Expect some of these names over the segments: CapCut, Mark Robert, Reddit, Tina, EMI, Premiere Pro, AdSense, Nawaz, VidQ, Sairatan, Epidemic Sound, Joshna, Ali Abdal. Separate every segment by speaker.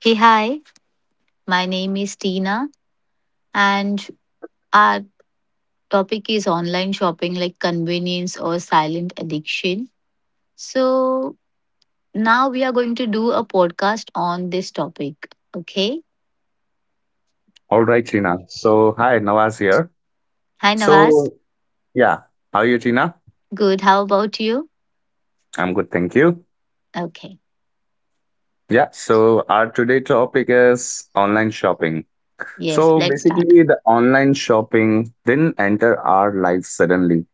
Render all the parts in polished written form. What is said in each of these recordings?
Speaker 1: Hey, hi, my name is Tina, and our topic is online shopping, like convenience or silent addiction. So, now we are going to do a podcast on this topic. Okay.
Speaker 2: All right, Tina. Hi, Nawaz here.
Speaker 1: Hi, Nawaz.
Speaker 2: So, yeah, how are you, Tina?
Speaker 1: Good. How about you?
Speaker 2: I'm good, thank you.
Speaker 1: Okay.
Speaker 2: Yeah, so our today topic is online shopping.
Speaker 1: Yes,
Speaker 2: So,
Speaker 1: let's start.
Speaker 2: basically, the online shopping didn't enter our lives suddenly,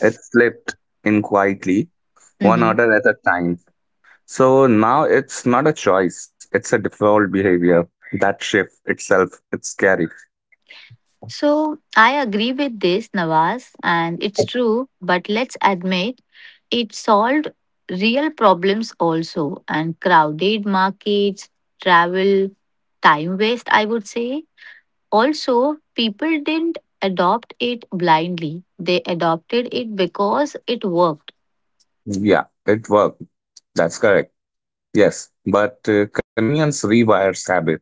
Speaker 2: it slipped in quietly, one
Speaker 1: Mm-hmm.
Speaker 2: order at a time. So, now it's not a choice, it's a default behavior. That shift itself, it's scary.
Speaker 1: So I agree with this, Nawaz, and it's true, but let's admit it solved real problems also, and crowded markets, travel, time waste, I would say. Also, people didn't adopt it blindly, they adopted it because it worked.
Speaker 2: Yeah, it worked. That's correct. Yes, but convenience rewires habit.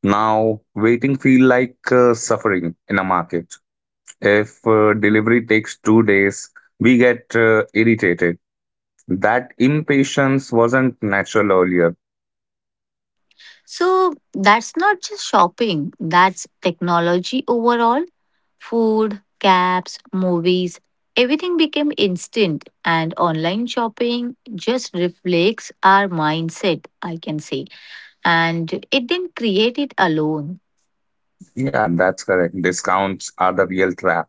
Speaker 2: Now, waiting feel like suffering in a market. If delivery takes 2 days, we get irritated. That impatience wasn't natural earlier.
Speaker 1: So that's not just shopping, that's technology overall. Food, cabs, movies, everything became instant, and online shopping just reflects our mindset, I can say. And it didn't create it alone.
Speaker 2: Yeah, that's correct. Discounts are the real trap.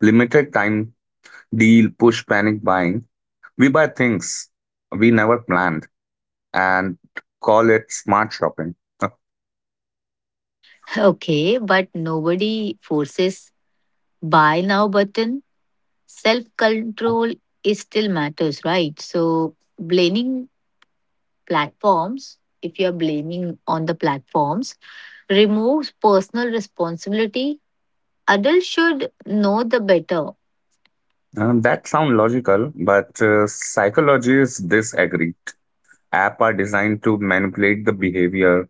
Speaker 2: Limited time deal, push panic buying. We buy things we never planned and call it smart shopping.
Speaker 1: Okay, but nobody forces buy now button. Self control is still matters, right? So blaming platforms, if you're blaming on the platforms, removes personal responsibility. Adults should know the better.
Speaker 2: That sound logical, but psychologists disagree. App are designed to manipulate the behavior.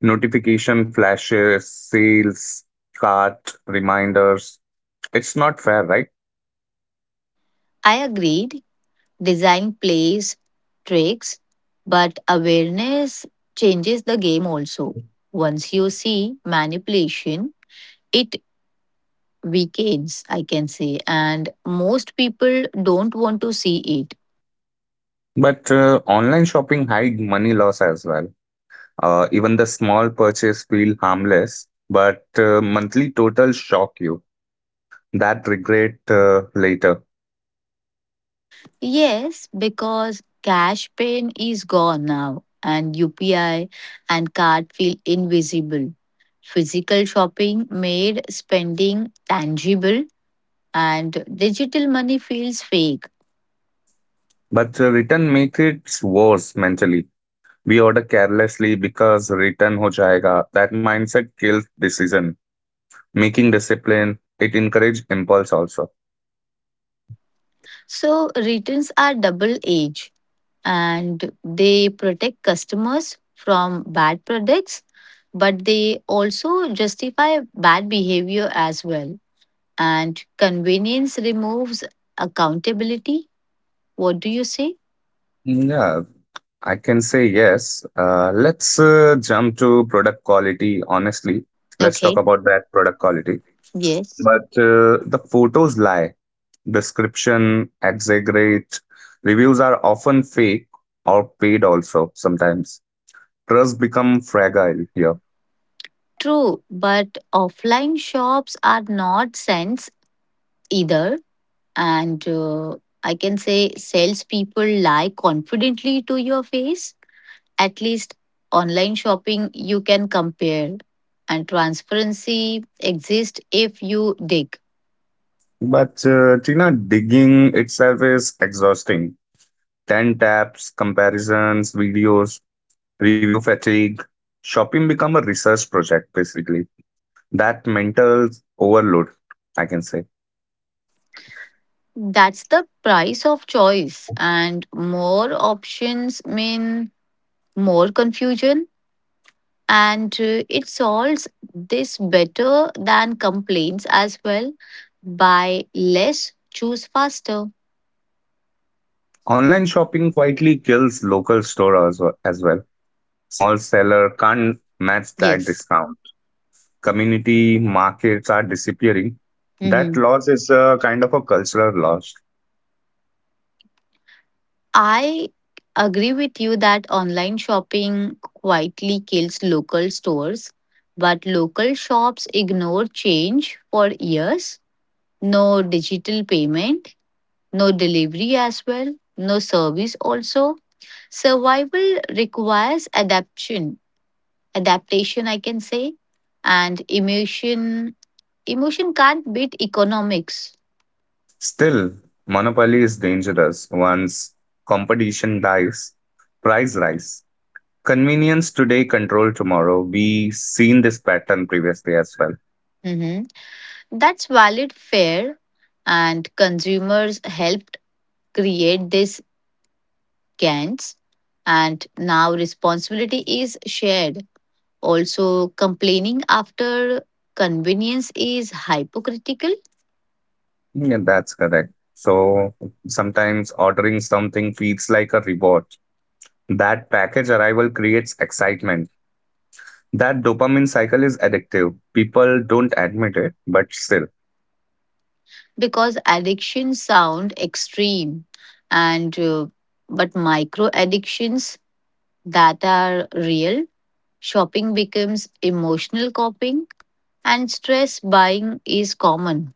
Speaker 2: Notification flashes, sales, cart, reminders. It's not fair, right?
Speaker 1: I agreed. Design plays tricks, but awareness changes the game also. Once you see manipulation, it weakens, I can say, and most people don't want to see it.
Speaker 2: But online shopping hide money loss as well. Even the small purchase feel harmless, but monthly total shock you. That regret later.
Speaker 1: Yes, because cash pain is gone now, and UPI and card feel invisible. Physical shopping made spending tangible, and digital money feels fake.
Speaker 2: But return make it worse mentally. We order carelessly because return ho jayega. That mindset kills decision making discipline. It encourages impulse also.
Speaker 1: So, returns are double edged, and they protect customers from bad products, but they also justify bad behavior as well. And convenience removes accountability. What do you say?
Speaker 2: Yeah, I can say yes. Let's jump to product quality. Honestly, let's talk
Speaker 1: Okay,
Speaker 2: about that product quality.
Speaker 1: yes.
Speaker 2: But the photos lie, description exaggerate, reviews are often fake or paid also sometimes. Trust become fragile here.
Speaker 1: True, but offline shops are not sense either. And I can say salespeople lie confidently to your face. At least online shopping, you can compare. And transparency exists if you dig.
Speaker 2: But Tina, digging itself is exhausting. 10 tabs, comparisons, videos, review fatigue. Shopping become a research project basically. That mental overload, I can say.
Speaker 1: That's the price of choice. And more options mean more confusion, and it solves this better than complaints as well by less choose faster.
Speaker 2: Online shopping quietly kills local stores as well. Small seller can't match that
Speaker 1: Yes.
Speaker 2: discount. Community markets are disappearing. That
Speaker 1: Hmm.
Speaker 2: loss is a kind of a cultural loss.
Speaker 1: I agree with you that online shopping quietly kills local stores, but local shops ignore change for years. No digital payment, no delivery as well, no service also. Survival requires adaptation, adaptation I can say, and emotion can't beat economics.
Speaker 2: Still, monopoly is dangerous. Once competition dies, price rise. Convenience today, control tomorrow. We seen this pattern previously as well.
Speaker 1: Mhm. That's valid, fair, and consumers helped create this gants, and now responsibility is shared also. Complaining after convenience is hypocritical.
Speaker 2: Yeah, that's correct. So sometimes ordering something feels like a reward. That package arrival creates excitement. That dopamine cycle is addictive. People don't admit it, but still.
Speaker 1: Because addiction sound extreme, and but micro addictions that are real. Shopping becomes emotional coping, and stress buying is common.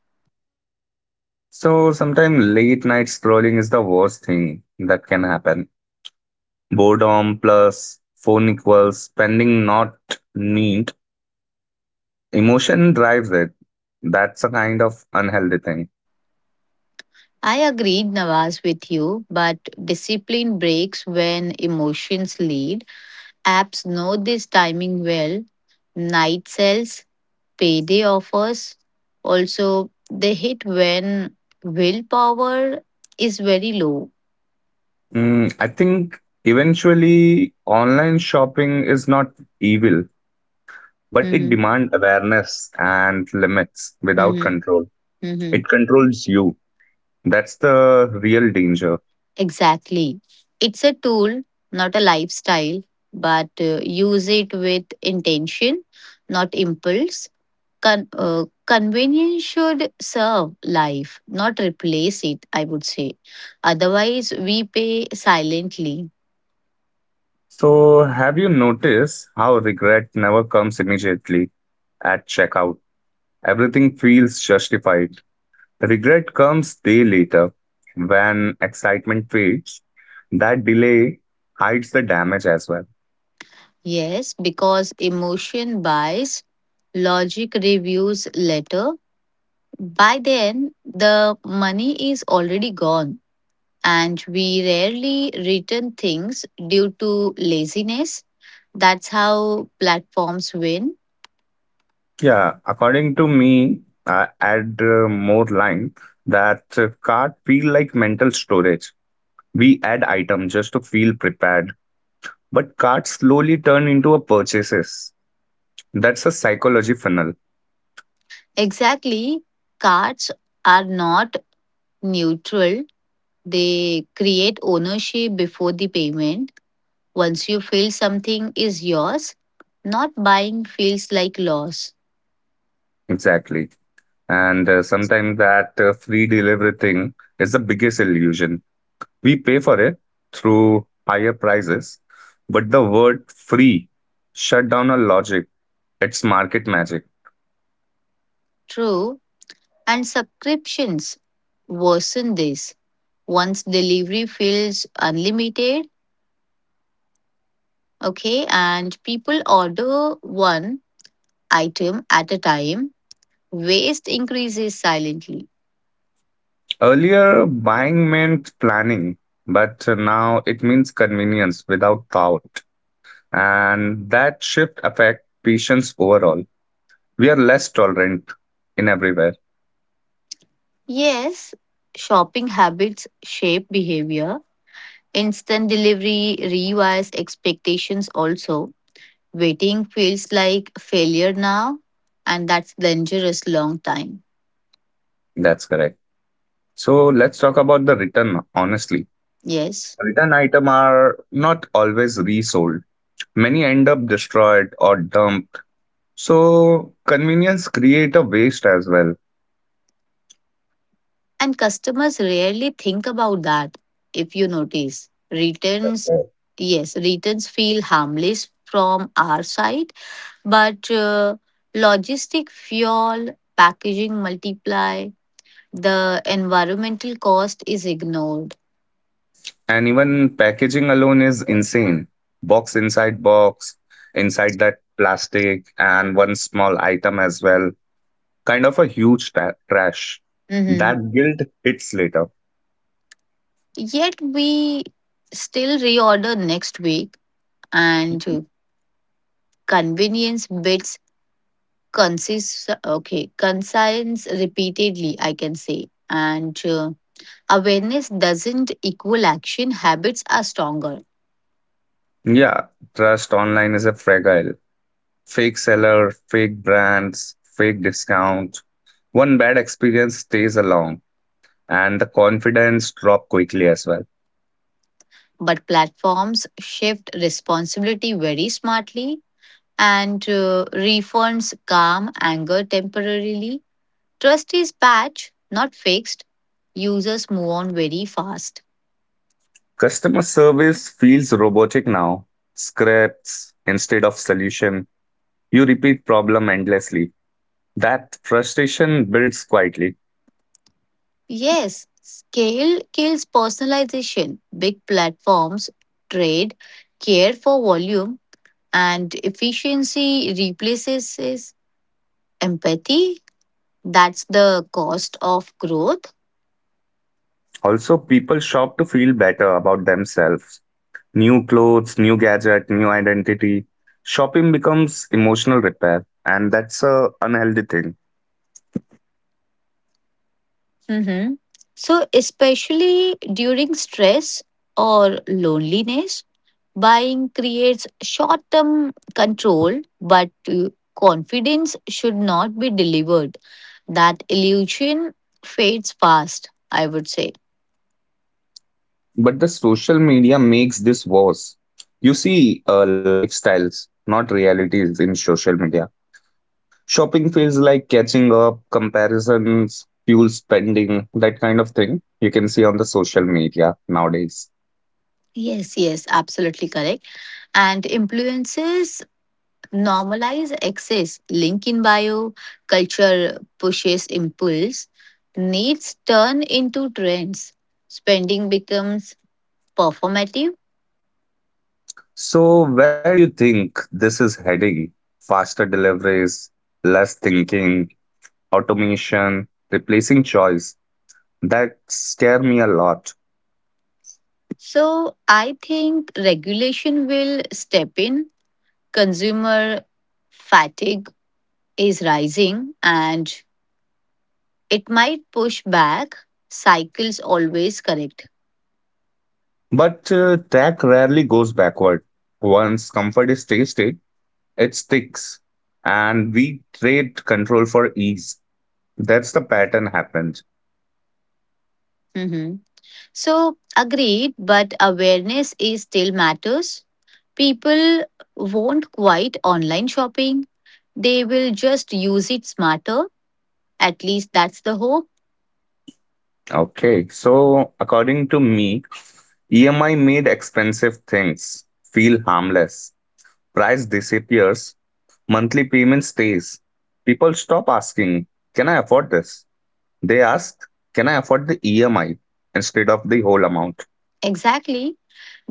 Speaker 2: So sometimes late night scrolling is the worst thing that can happen. Boredom plus phone equals spending not need. Emotion drives it. That's a kind of unhealthy thing.
Speaker 1: I agreed, Nawaz, with you, but discipline breaks when emotions lead. Apps know this timing well. Night sales, payday offers, also they hit when willpower is very low.
Speaker 2: I think eventually online shopping is not evil, but it
Speaker 1: Mm-hmm.
Speaker 2: demands awareness and limits without
Speaker 1: Mm-hmm.
Speaker 2: control.
Speaker 1: Mm-hmm.
Speaker 2: It controls you. That's the real danger.
Speaker 1: Exactly. It's a tool, not a lifestyle, but use it with intention, not impulse. Convenience should serve life, not replace it, I would say. Otherwise, we pay silently.
Speaker 2: So, have you noticed how regret never comes immediately? At checkout. Everything feels justified. Regret comes day later when excitement fades. That delay hides the damage as well.
Speaker 1: Yes, because emotion buys, logic reviews later. By then, the money is already gone, and we rarely return things due to laziness. That's how platforms win.
Speaker 2: Yeah, according to me, I add more line that card feel like mental storage. We add item just to feel prepared, but carts slowly turn into a purchases. That's a psychology funnel,
Speaker 1: Exactly. Cards are not neutral, they create ownership before the payment. Once you feel something is yours, not buying feels like loss.
Speaker 2: exactly. And sometimes that free delivery thing is the biggest illusion. We pay for it through higher prices, but the word free shut down our logic. It's market magic.
Speaker 1: True. And subscriptions worsen this. Once delivery feels unlimited, okay, and people order one item at a time, waste increases silently.
Speaker 2: Earlier, buying meant planning, but now it means convenience without thought. And that shift affects patients overall. We are less tolerant in everywhere.
Speaker 1: Yes, shopping habits shape behavior. Instant delivery rewires expectations also. Waiting feels like failure now, and that's dangerous long time.
Speaker 2: That's correct. So let's talk about the return, honestly.
Speaker 1: Yes.
Speaker 2: Return item are not always resold. Many end up destroyed or dumped. So convenience create a waste as well.
Speaker 1: And customers rarely think about that, if you notice.
Speaker 2: That's
Speaker 1: Returns,
Speaker 2: right.
Speaker 1: yes, returns feel harmless from our side. But logistic, fuel, packaging multiply, the environmental cost is ignored.
Speaker 2: And even packaging alone is insane. Box, inside that plastic, and one small item as well. Kind of a huge trash.
Speaker 1: Hmm.
Speaker 2: That guilt hits later.
Speaker 1: Yet we still reorder next week, and convenience bits consist, okay, consigns repeatedly, I can say, and awareness doesn't equal action, habits are stronger.
Speaker 2: Yeah, trust online is a fragile. Fake seller, fake brands, fake discount. One bad experience stays along, and the confidence drop quickly as well.
Speaker 1: But platforms shift responsibility very smartly, and reforms calm anger temporarily. Trust is patched, not fixed. Users move on very fast.
Speaker 2: Customer service feels robotic now. Scripts instead of solution. You repeat problem endlessly. That frustration builds quietly.
Speaker 1: Yes, scale kills personalization. Big platforms trade care for volume, and efficiency replaces is empathy. That's the cost of growth.
Speaker 2: Also, people shop to feel better about themselves. New clothes, new gadget, new identity. Shopping becomes emotional repair, and that's a unhealthy thing.
Speaker 1: Mhm. So, especially during stress or loneliness, buying creates short term control, but confidence should not be delivered. That illusion fades fast, I would say.
Speaker 2: But the social media makes this worse. You see lifestyles, not realities in social media. Shopping feels like catching up, comparisons, fuel spending, that kind of thing you can see on the social media nowadays.
Speaker 1: Yes, yes, absolutely correct. And influences normalize excess. Link in bio, culture pushes impulse, needs turn into trends, spending becomes performative.
Speaker 2: So, where do you think this is heading? Faster deliveries, less thinking, automation, replacing choice. That scare me a lot.
Speaker 1: So I think regulation will step in. Consumer fatigue is rising, and it might push back. Cycles always correct.
Speaker 2: But tech rarely goes backward. Once comfort is tasted, it sticks, and we trade control for ease. That's the pattern happened.
Speaker 1: Mhm. So agreed, but awareness is still matters. People won't quite online shopping, they will just use it smarter. At least that's the hope.
Speaker 2: Okay, so according to me, EMI made expensive things feel harmless. Price disappears, monthly payment stays. People stop asking, can I afford this? They ask, can I afford the EMI instead of the whole amount?
Speaker 1: Exactly,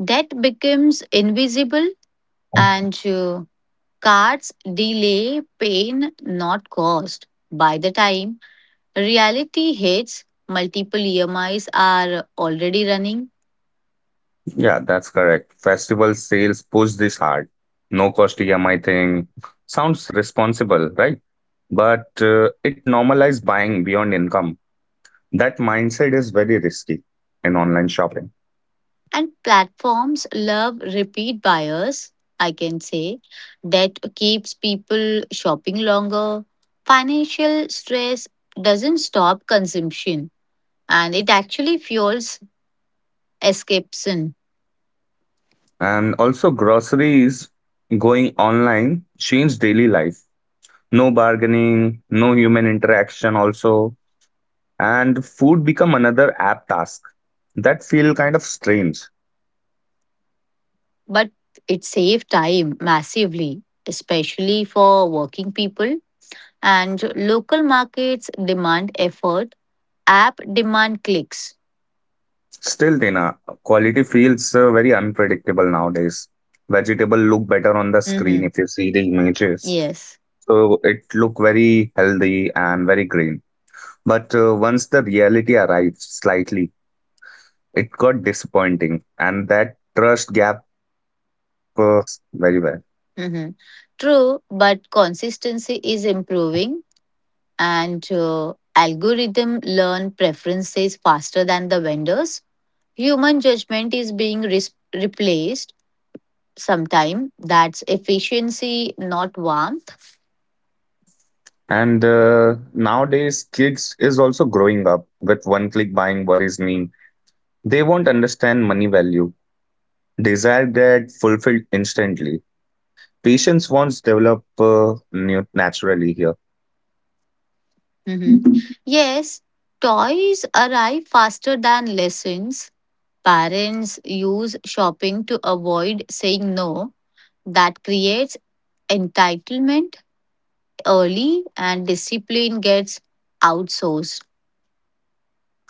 Speaker 1: debt becomes invisible, and cards delay pain, not cost. By the time reality hits, multiple EMIs are already running,
Speaker 2: Yeah, that's correct. Festival sales push this hard. No cost EMI thing sounds responsible, right? But it normalized buying beyond income. That mindset is very risky in online shopping.
Speaker 1: and platforms love repeat buyers, I can say. That keeps people shopping longer. Financial stress doesn't stop consumption, and it actually fuels escapism,
Speaker 2: And also, groceries going online change daily life. No bargaining, no human interaction, also. And food become another app task. That feel kind of strange.
Speaker 1: but it saves time massively, especially for working people. And local markets demand effort, app demand clicks.
Speaker 2: Still, Dina, quality feels very unpredictable nowadays. Vegetable look better on the screen
Speaker 1: Mhm.
Speaker 2: if you see the images.
Speaker 1: Yes.
Speaker 2: So it look very healthy and very green. But once the reality arrives slightly, it got disappointing and that trust gap matters very well.
Speaker 1: Hmm. True, but consistency is improving, and algorithm learn preferences faster than the vendors. Human judgment is being replaced sometime. That's efficiency, not warmth.
Speaker 2: And nowadays kids is also growing up with one click buying worries me. They won't understand money value, desire get fulfilled instantly, patience wants develop naturally here.
Speaker 1: Hmm. Yes, toys arrive faster than lessons. Parents use shopping to avoid saying no. That creates entitlement early, and discipline gets outsourced.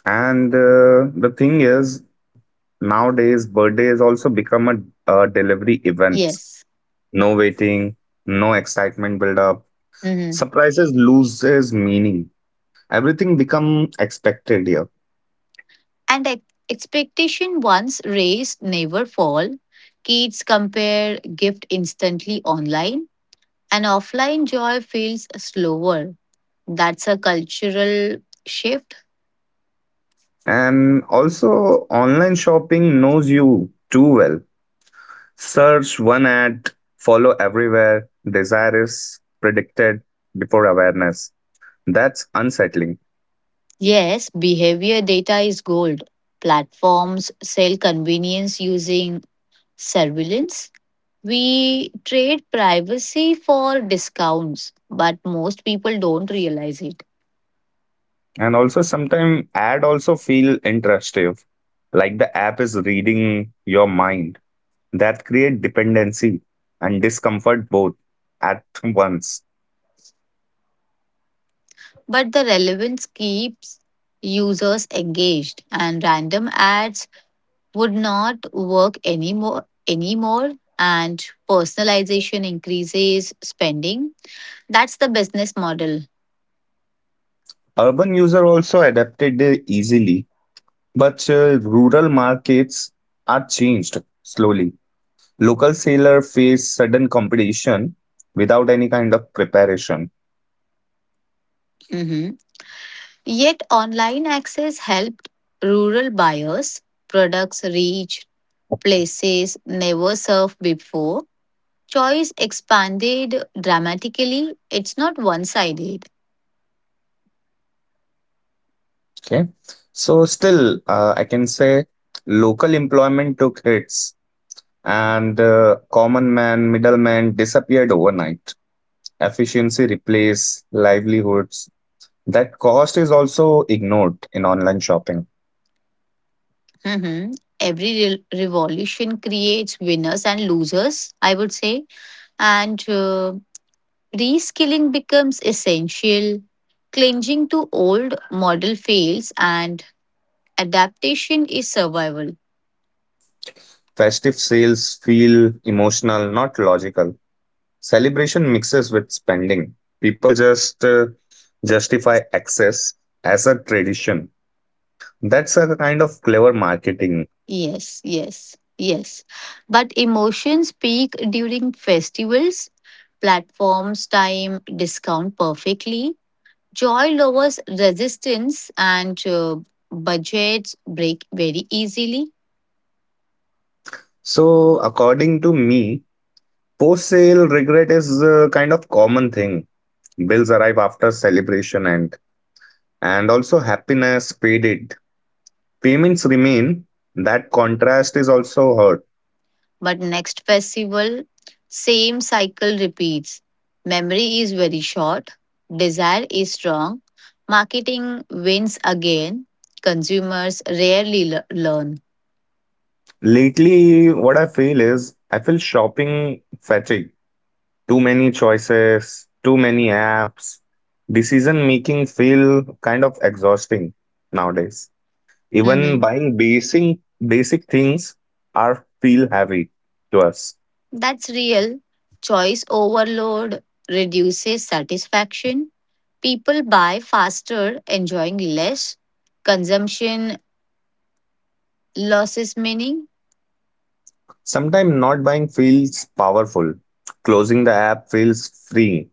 Speaker 2: And the thing is nowadays birthdays also become a delivery events.
Speaker 1: Yes.
Speaker 2: No waiting, no excitement build up,
Speaker 1: Mhm.
Speaker 2: surprises loses meaning, everything become expected here.
Speaker 1: And expectation once raised never fall. Kids compare gift instantly online, and offline joy feels slower. That's a cultural shift.
Speaker 2: And also online shopping knows you too well, search one ad, follow everywhere, desire is predicted before awareness. That's unsettling.
Speaker 1: Yes, behavior data is gold. Platforms sell convenience using surveillance. We trade privacy for discounts, but most people don't realize it.
Speaker 2: And also sometimes ad also feel interactive, like the app is reading your mind. That create dependency and discomfort both at once.
Speaker 1: But the relevance keeps users engaged, and random ads would not work anymore, and personalization increases spending. That's the business model.
Speaker 2: Urban user also adapted easily. But rural markets are changed slowly. Local seller face sudden competition without any kind of preparation.
Speaker 1: Mhm. Yet online access helped rural buyers, products reach places never served before. Choice expanded dramatically. It's not one sided.
Speaker 2: Okay, so still I can say local employment took hits, and common man, middleman disappeared overnight. Efficiency replaced livelihoods. That cost is also ignored in online shopping.
Speaker 1: Mhm. Every revolution creates winners and losers, I would say. And reskilling becomes essential. Clinging to old model fails, and adaptation is survival.
Speaker 2: Festive sales feel emotional, not logical. Celebration mixes with spending. People just justify excess as a tradition. That's a kind of clever marketing.
Speaker 1: Yes, yes, yes. But emotions peak during festivals. Platforms time discount perfectly. Joy lowers resistance, and budgets break very easily.
Speaker 2: So, according to me, post sale regret is a kind of common thing. Bills arrive after celebration and also happiness faded. Payments remain. That contrast is also hurt.
Speaker 1: But next festival, same cycle repeats. Memory is very short, desire is strong, marketing wins again, consumers rarely learn.
Speaker 2: Lately, what I feel is I feel shopping fatigue, too many choices, too many apps. Decision making feel kind of exhausting nowadays. Even
Speaker 1: Hmm.
Speaker 2: buying basic things are feel heavy to us.
Speaker 1: That's real. Choice overload reduces satisfaction. People buy faster, enjoying less. Consumption loses meaning.
Speaker 2: Sometimes not buying feels powerful. Closing the app feels free.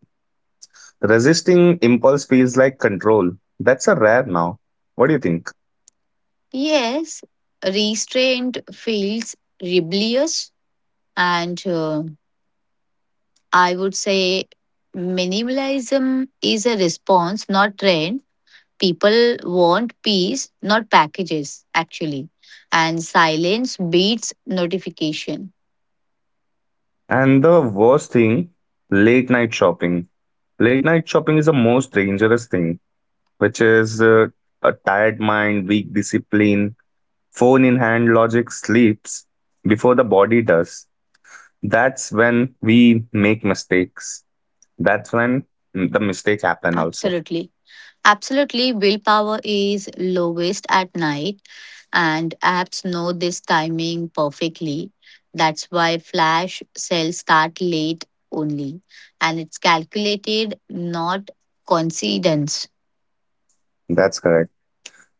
Speaker 2: Resisting impulse feels like control. That's a rare now. What do you think?
Speaker 1: Yes, restraint feels rebellious, and I would say minimalism is a response, not trend. People want peace, not packages, actually. And silence beats notification.
Speaker 2: And the worst thing, late night shopping. Late night shopping is the most dangerous thing which is a tired mind, weak discipline, phone in hand logic sleeps before the body does. That's when we make mistakes. That's when the mistakes happen also.
Speaker 1: Absolutely. Absolutely, willpower is lowest at night, and apps know this timing perfectly. That's why flash sales start late only, and it's calculated, not coincidence.
Speaker 2: That's correct.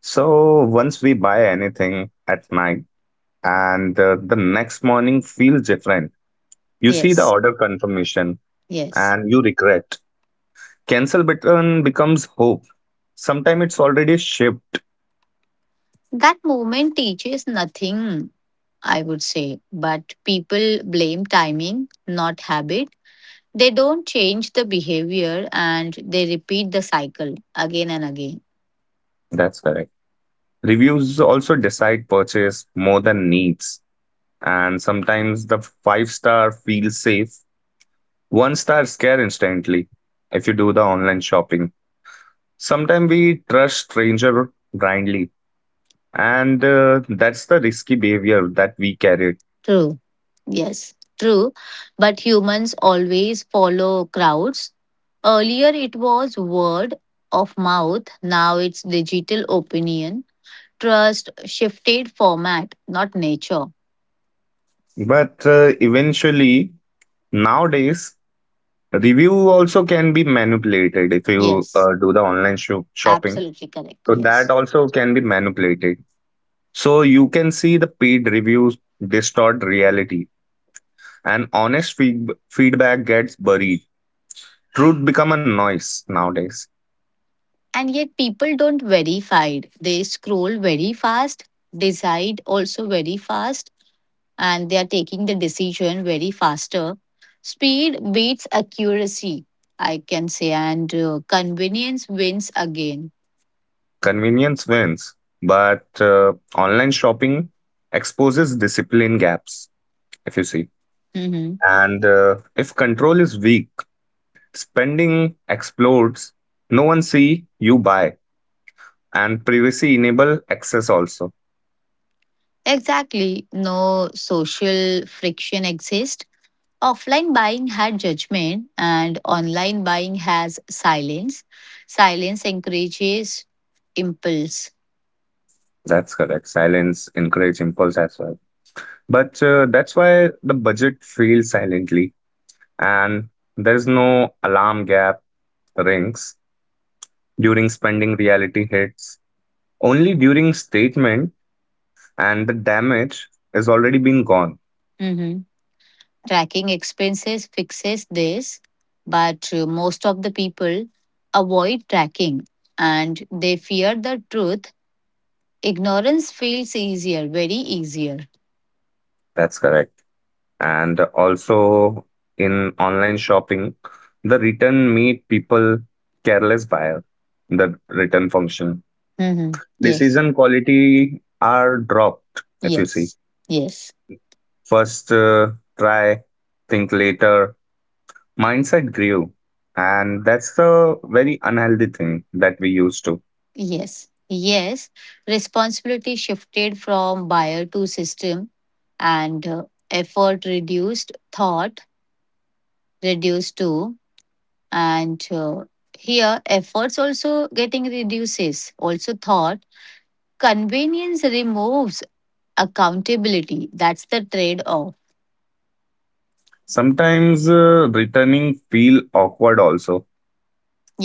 Speaker 2: So once we buy anything at night and the next morning feels different, you see the
Speaker 1: Yes,
Speaker 2: order confirmation
Speaker 1: yes.
Speaker 2: and you regret. Cancel button becomes hope. Sometimes it's already shipped.
Speaker 1: That moment teaches nothing, I would say, but people blame timing, not habit. They don't change the behavior, and they repeat the cycle again and again.
Speaker 2: That's correct. Reviews also decide purchase more than needs, and sometimes the five-star feels safe, one star scare instantly if you do the online shopping. Sometimes we trust stranger blindly, and that's the risky behavior that we carry.
Speaker 1: True. Yes, true. But humans always follow crowds. Earlier it was word of mouth, now it's digital opinion. Trust shifted format, not nature.
Speaker 2: But eventually, nowadays, review also can be manipulated if you
Speaker 1: Yes,
Speaker 2: do the online shopping.
Speaker 1: absolutely correct.
Speaker 2: So
Speaker 1: Yes.
Speaker 2: that also can be manipulated. So you can see the paid reviews distort reality and honest feedback gets buried. Truth become a noise nowadays.
Speaker 1: And yet people don't verify. They scroll very fast, decide also very fast, and they are taking the decision very faster. Speed beats accuracy, I can say, and convenience wins again.
Speaker 2: Convenience wins, but online shopping exposes discipline gaps if you see.
Speaker 1: Mhm.
Speaker 2: And if control is weak, spending explodes, no one see you buy and privacy enable access also.
Speaker 1: Exactly. No social friction exists. Offline buying had judgment, and online buying has silence. Silence encourages impulse.
Speaker 2: That's correct. Silence encourage impulse as well. But that's why the budget fails silently and there is no alarm gap rings during spending, reality hits only during statement and the damage is already been gone.
Speaker 1: Mm-hmm. Tracking expenses fixes this, but most of the people avoid tracking, and they fear the truth. Ignorance feels easier, very easier.
Speaker 2: That's correct. And also in online shopping, the return made people careless buyer, the return function
Speaker 1: Mhm. Yes,
Speaker 2: decision quality are dropped if you see.
Speaker 1: yes, yes,
Speaker 2: First try, think later mindset grew, and that's the very unhealthy thing that we used to.
Speaker 1: yes, yes. Responsibility shifted from buyer to system, and effort reduced, thought reduced too. And here, efforts also getting reduces, also thought. Convenience removes accountability. That's the trade off.
Speaker 2: Sometimes returning feel awkward also.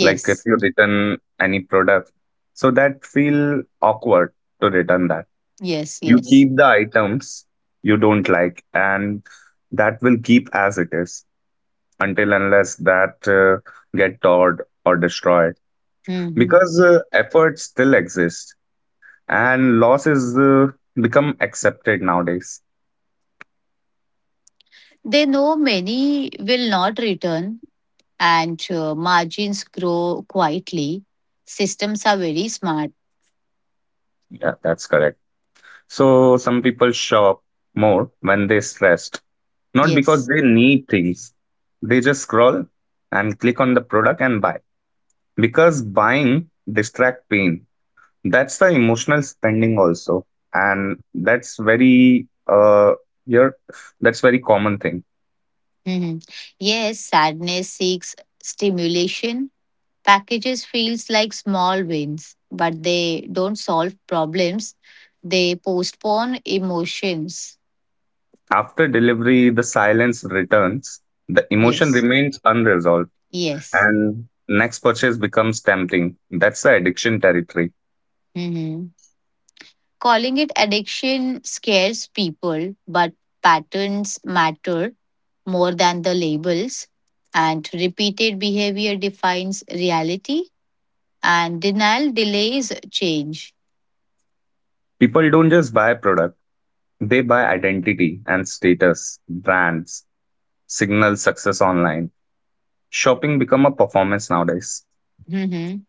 Speaker 2: Like if you return any product, so that feel awkward to return that.
Speaker 1: yes,
Speaker 2: You
Speaker 1: yes.
Speaker 2: keep the items you don't like, and that will keep as it is until unless that get torn or destroyed.
Speaker 1: Mhm.
Speaker 2: Because effort still exists, and loss is become accepted nowadays.
Speaker 1: They know many will not return, and margins grow quietly. Systems are very smart.
Speaker 2: Yeah, that's correct. So some people shop more when they're stressed, not because
Speaker 1: Yes.
Speaker 2: they need things. They just scroll and click on the product and buy. Because buying distract pain. That's the emotional spending also. And that's very here that's very common thing.
Speaker 1: Mhm. Yes, sadness seeks stimulation. Packages feels like small wins, but they don't solve problems. They postpone emotions.
Speaker 2: After delivery, the silence returns, the emotion
Speaker 1: Yes.
Speaker 2: remains unresolved,
Speaker 1: Yes.
Speaker 2: and next purchase becomes tempting. That's the addiction territory.
Speaker 1: Mhm. Calling it addiction scares people, but patterns matter more than the labels, and repeated behavior defines reality, and denial delays change.
Speaker 2: People don't just buy product, they buy identity and status, brands, signal success online. Shopping become a performance nowadays.
Speaker 1: Mhm.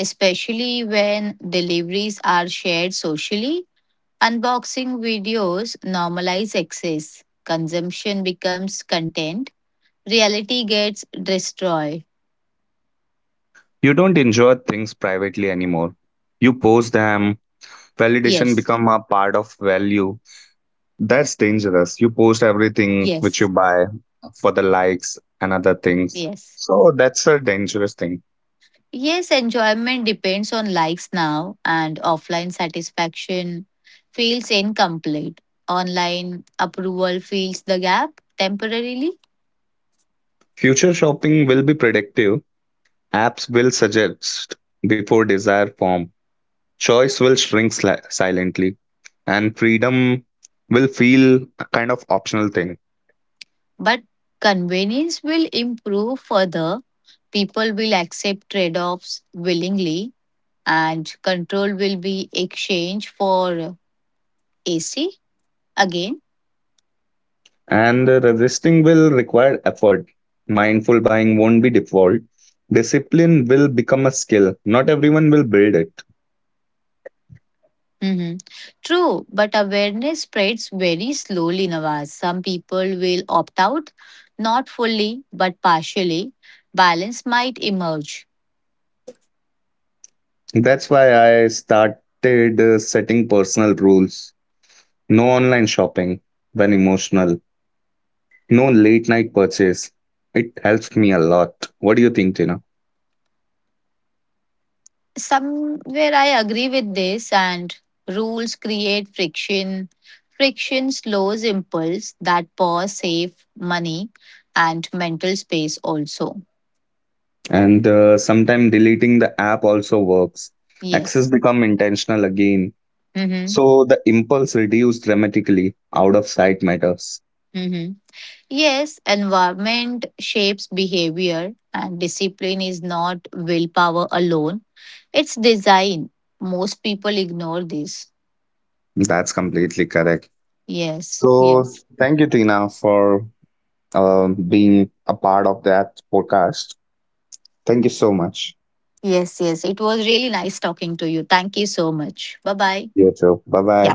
Speaker 1: Especially when deliveries are shared socially, unboxing videos normalize excess. Consumption becomes content, reality gets destroyed.
Speaker 2: You don't enjoy things privately anymore. You post them, validation
Speaker 1: Yes,
Speaker 2: become a part of value. That's dangerous. You post everything which you
Speaker 1: yes,
Speaker 2: buy for the likes and other things.
Speaker 1: yes.
Speaker 2: So that's a dangerous thing.
Speaker 1: Yes, enjoyment depends on likes now, and offline satisfaction feels incomplete. Online approval fills the gap temporarily,
Speaker 2: Future shopping will be predictive. Apps will suggest before desire form, choice will shrink silently and freedom will feel a kind of optional thing.
Speaker 1: but convenience will improve further. People will accept trade offs willingly, and control will be exchanged for AC again.
Speaker 2: And resisting will require effort, mindful buying won't be default, discipline will become a skill, not everyone will build it.
Speaker 1: Hmm. True, but awareness spreads very slowly, Nawaz. Some people will opt out, not fully, but partially. Balance might emerge.
Speaker 2: That's why I started setting personal rules. No online shopping when emotional, no late night purchase. It helps me a lot. What do you think, Tina?
Speaker 1: Somewhere I agree with this, and rules create friction. Friction slows impulse, that pause, save money, and mental space also.
Speaker 2: And sometimes deleting the app also works, access
Speaker 1: Yes.
Speaker 2: become intentional again,
Speaker 1: Mm-hmm.
Speaker 2: so the impulse reduced dramatically. Out of sight matters.
Speaker 1: Mm-hmm. Yes, environment shapes behavior, and discipline is not willpower alone, it's design. Most people ignore this.
Speaker 2: That's completely correct.
Speaker 1: Yes,
Speaker 2: So
Speaker 1: yes,
Speaker 2: thank you, Tina, for being a part of that podcast. Thank you so much.
Speaker 1: yes, yes. It was really nice talking to you. Thank you so much. Bye bye.
Speaker 2: You too, bye bye.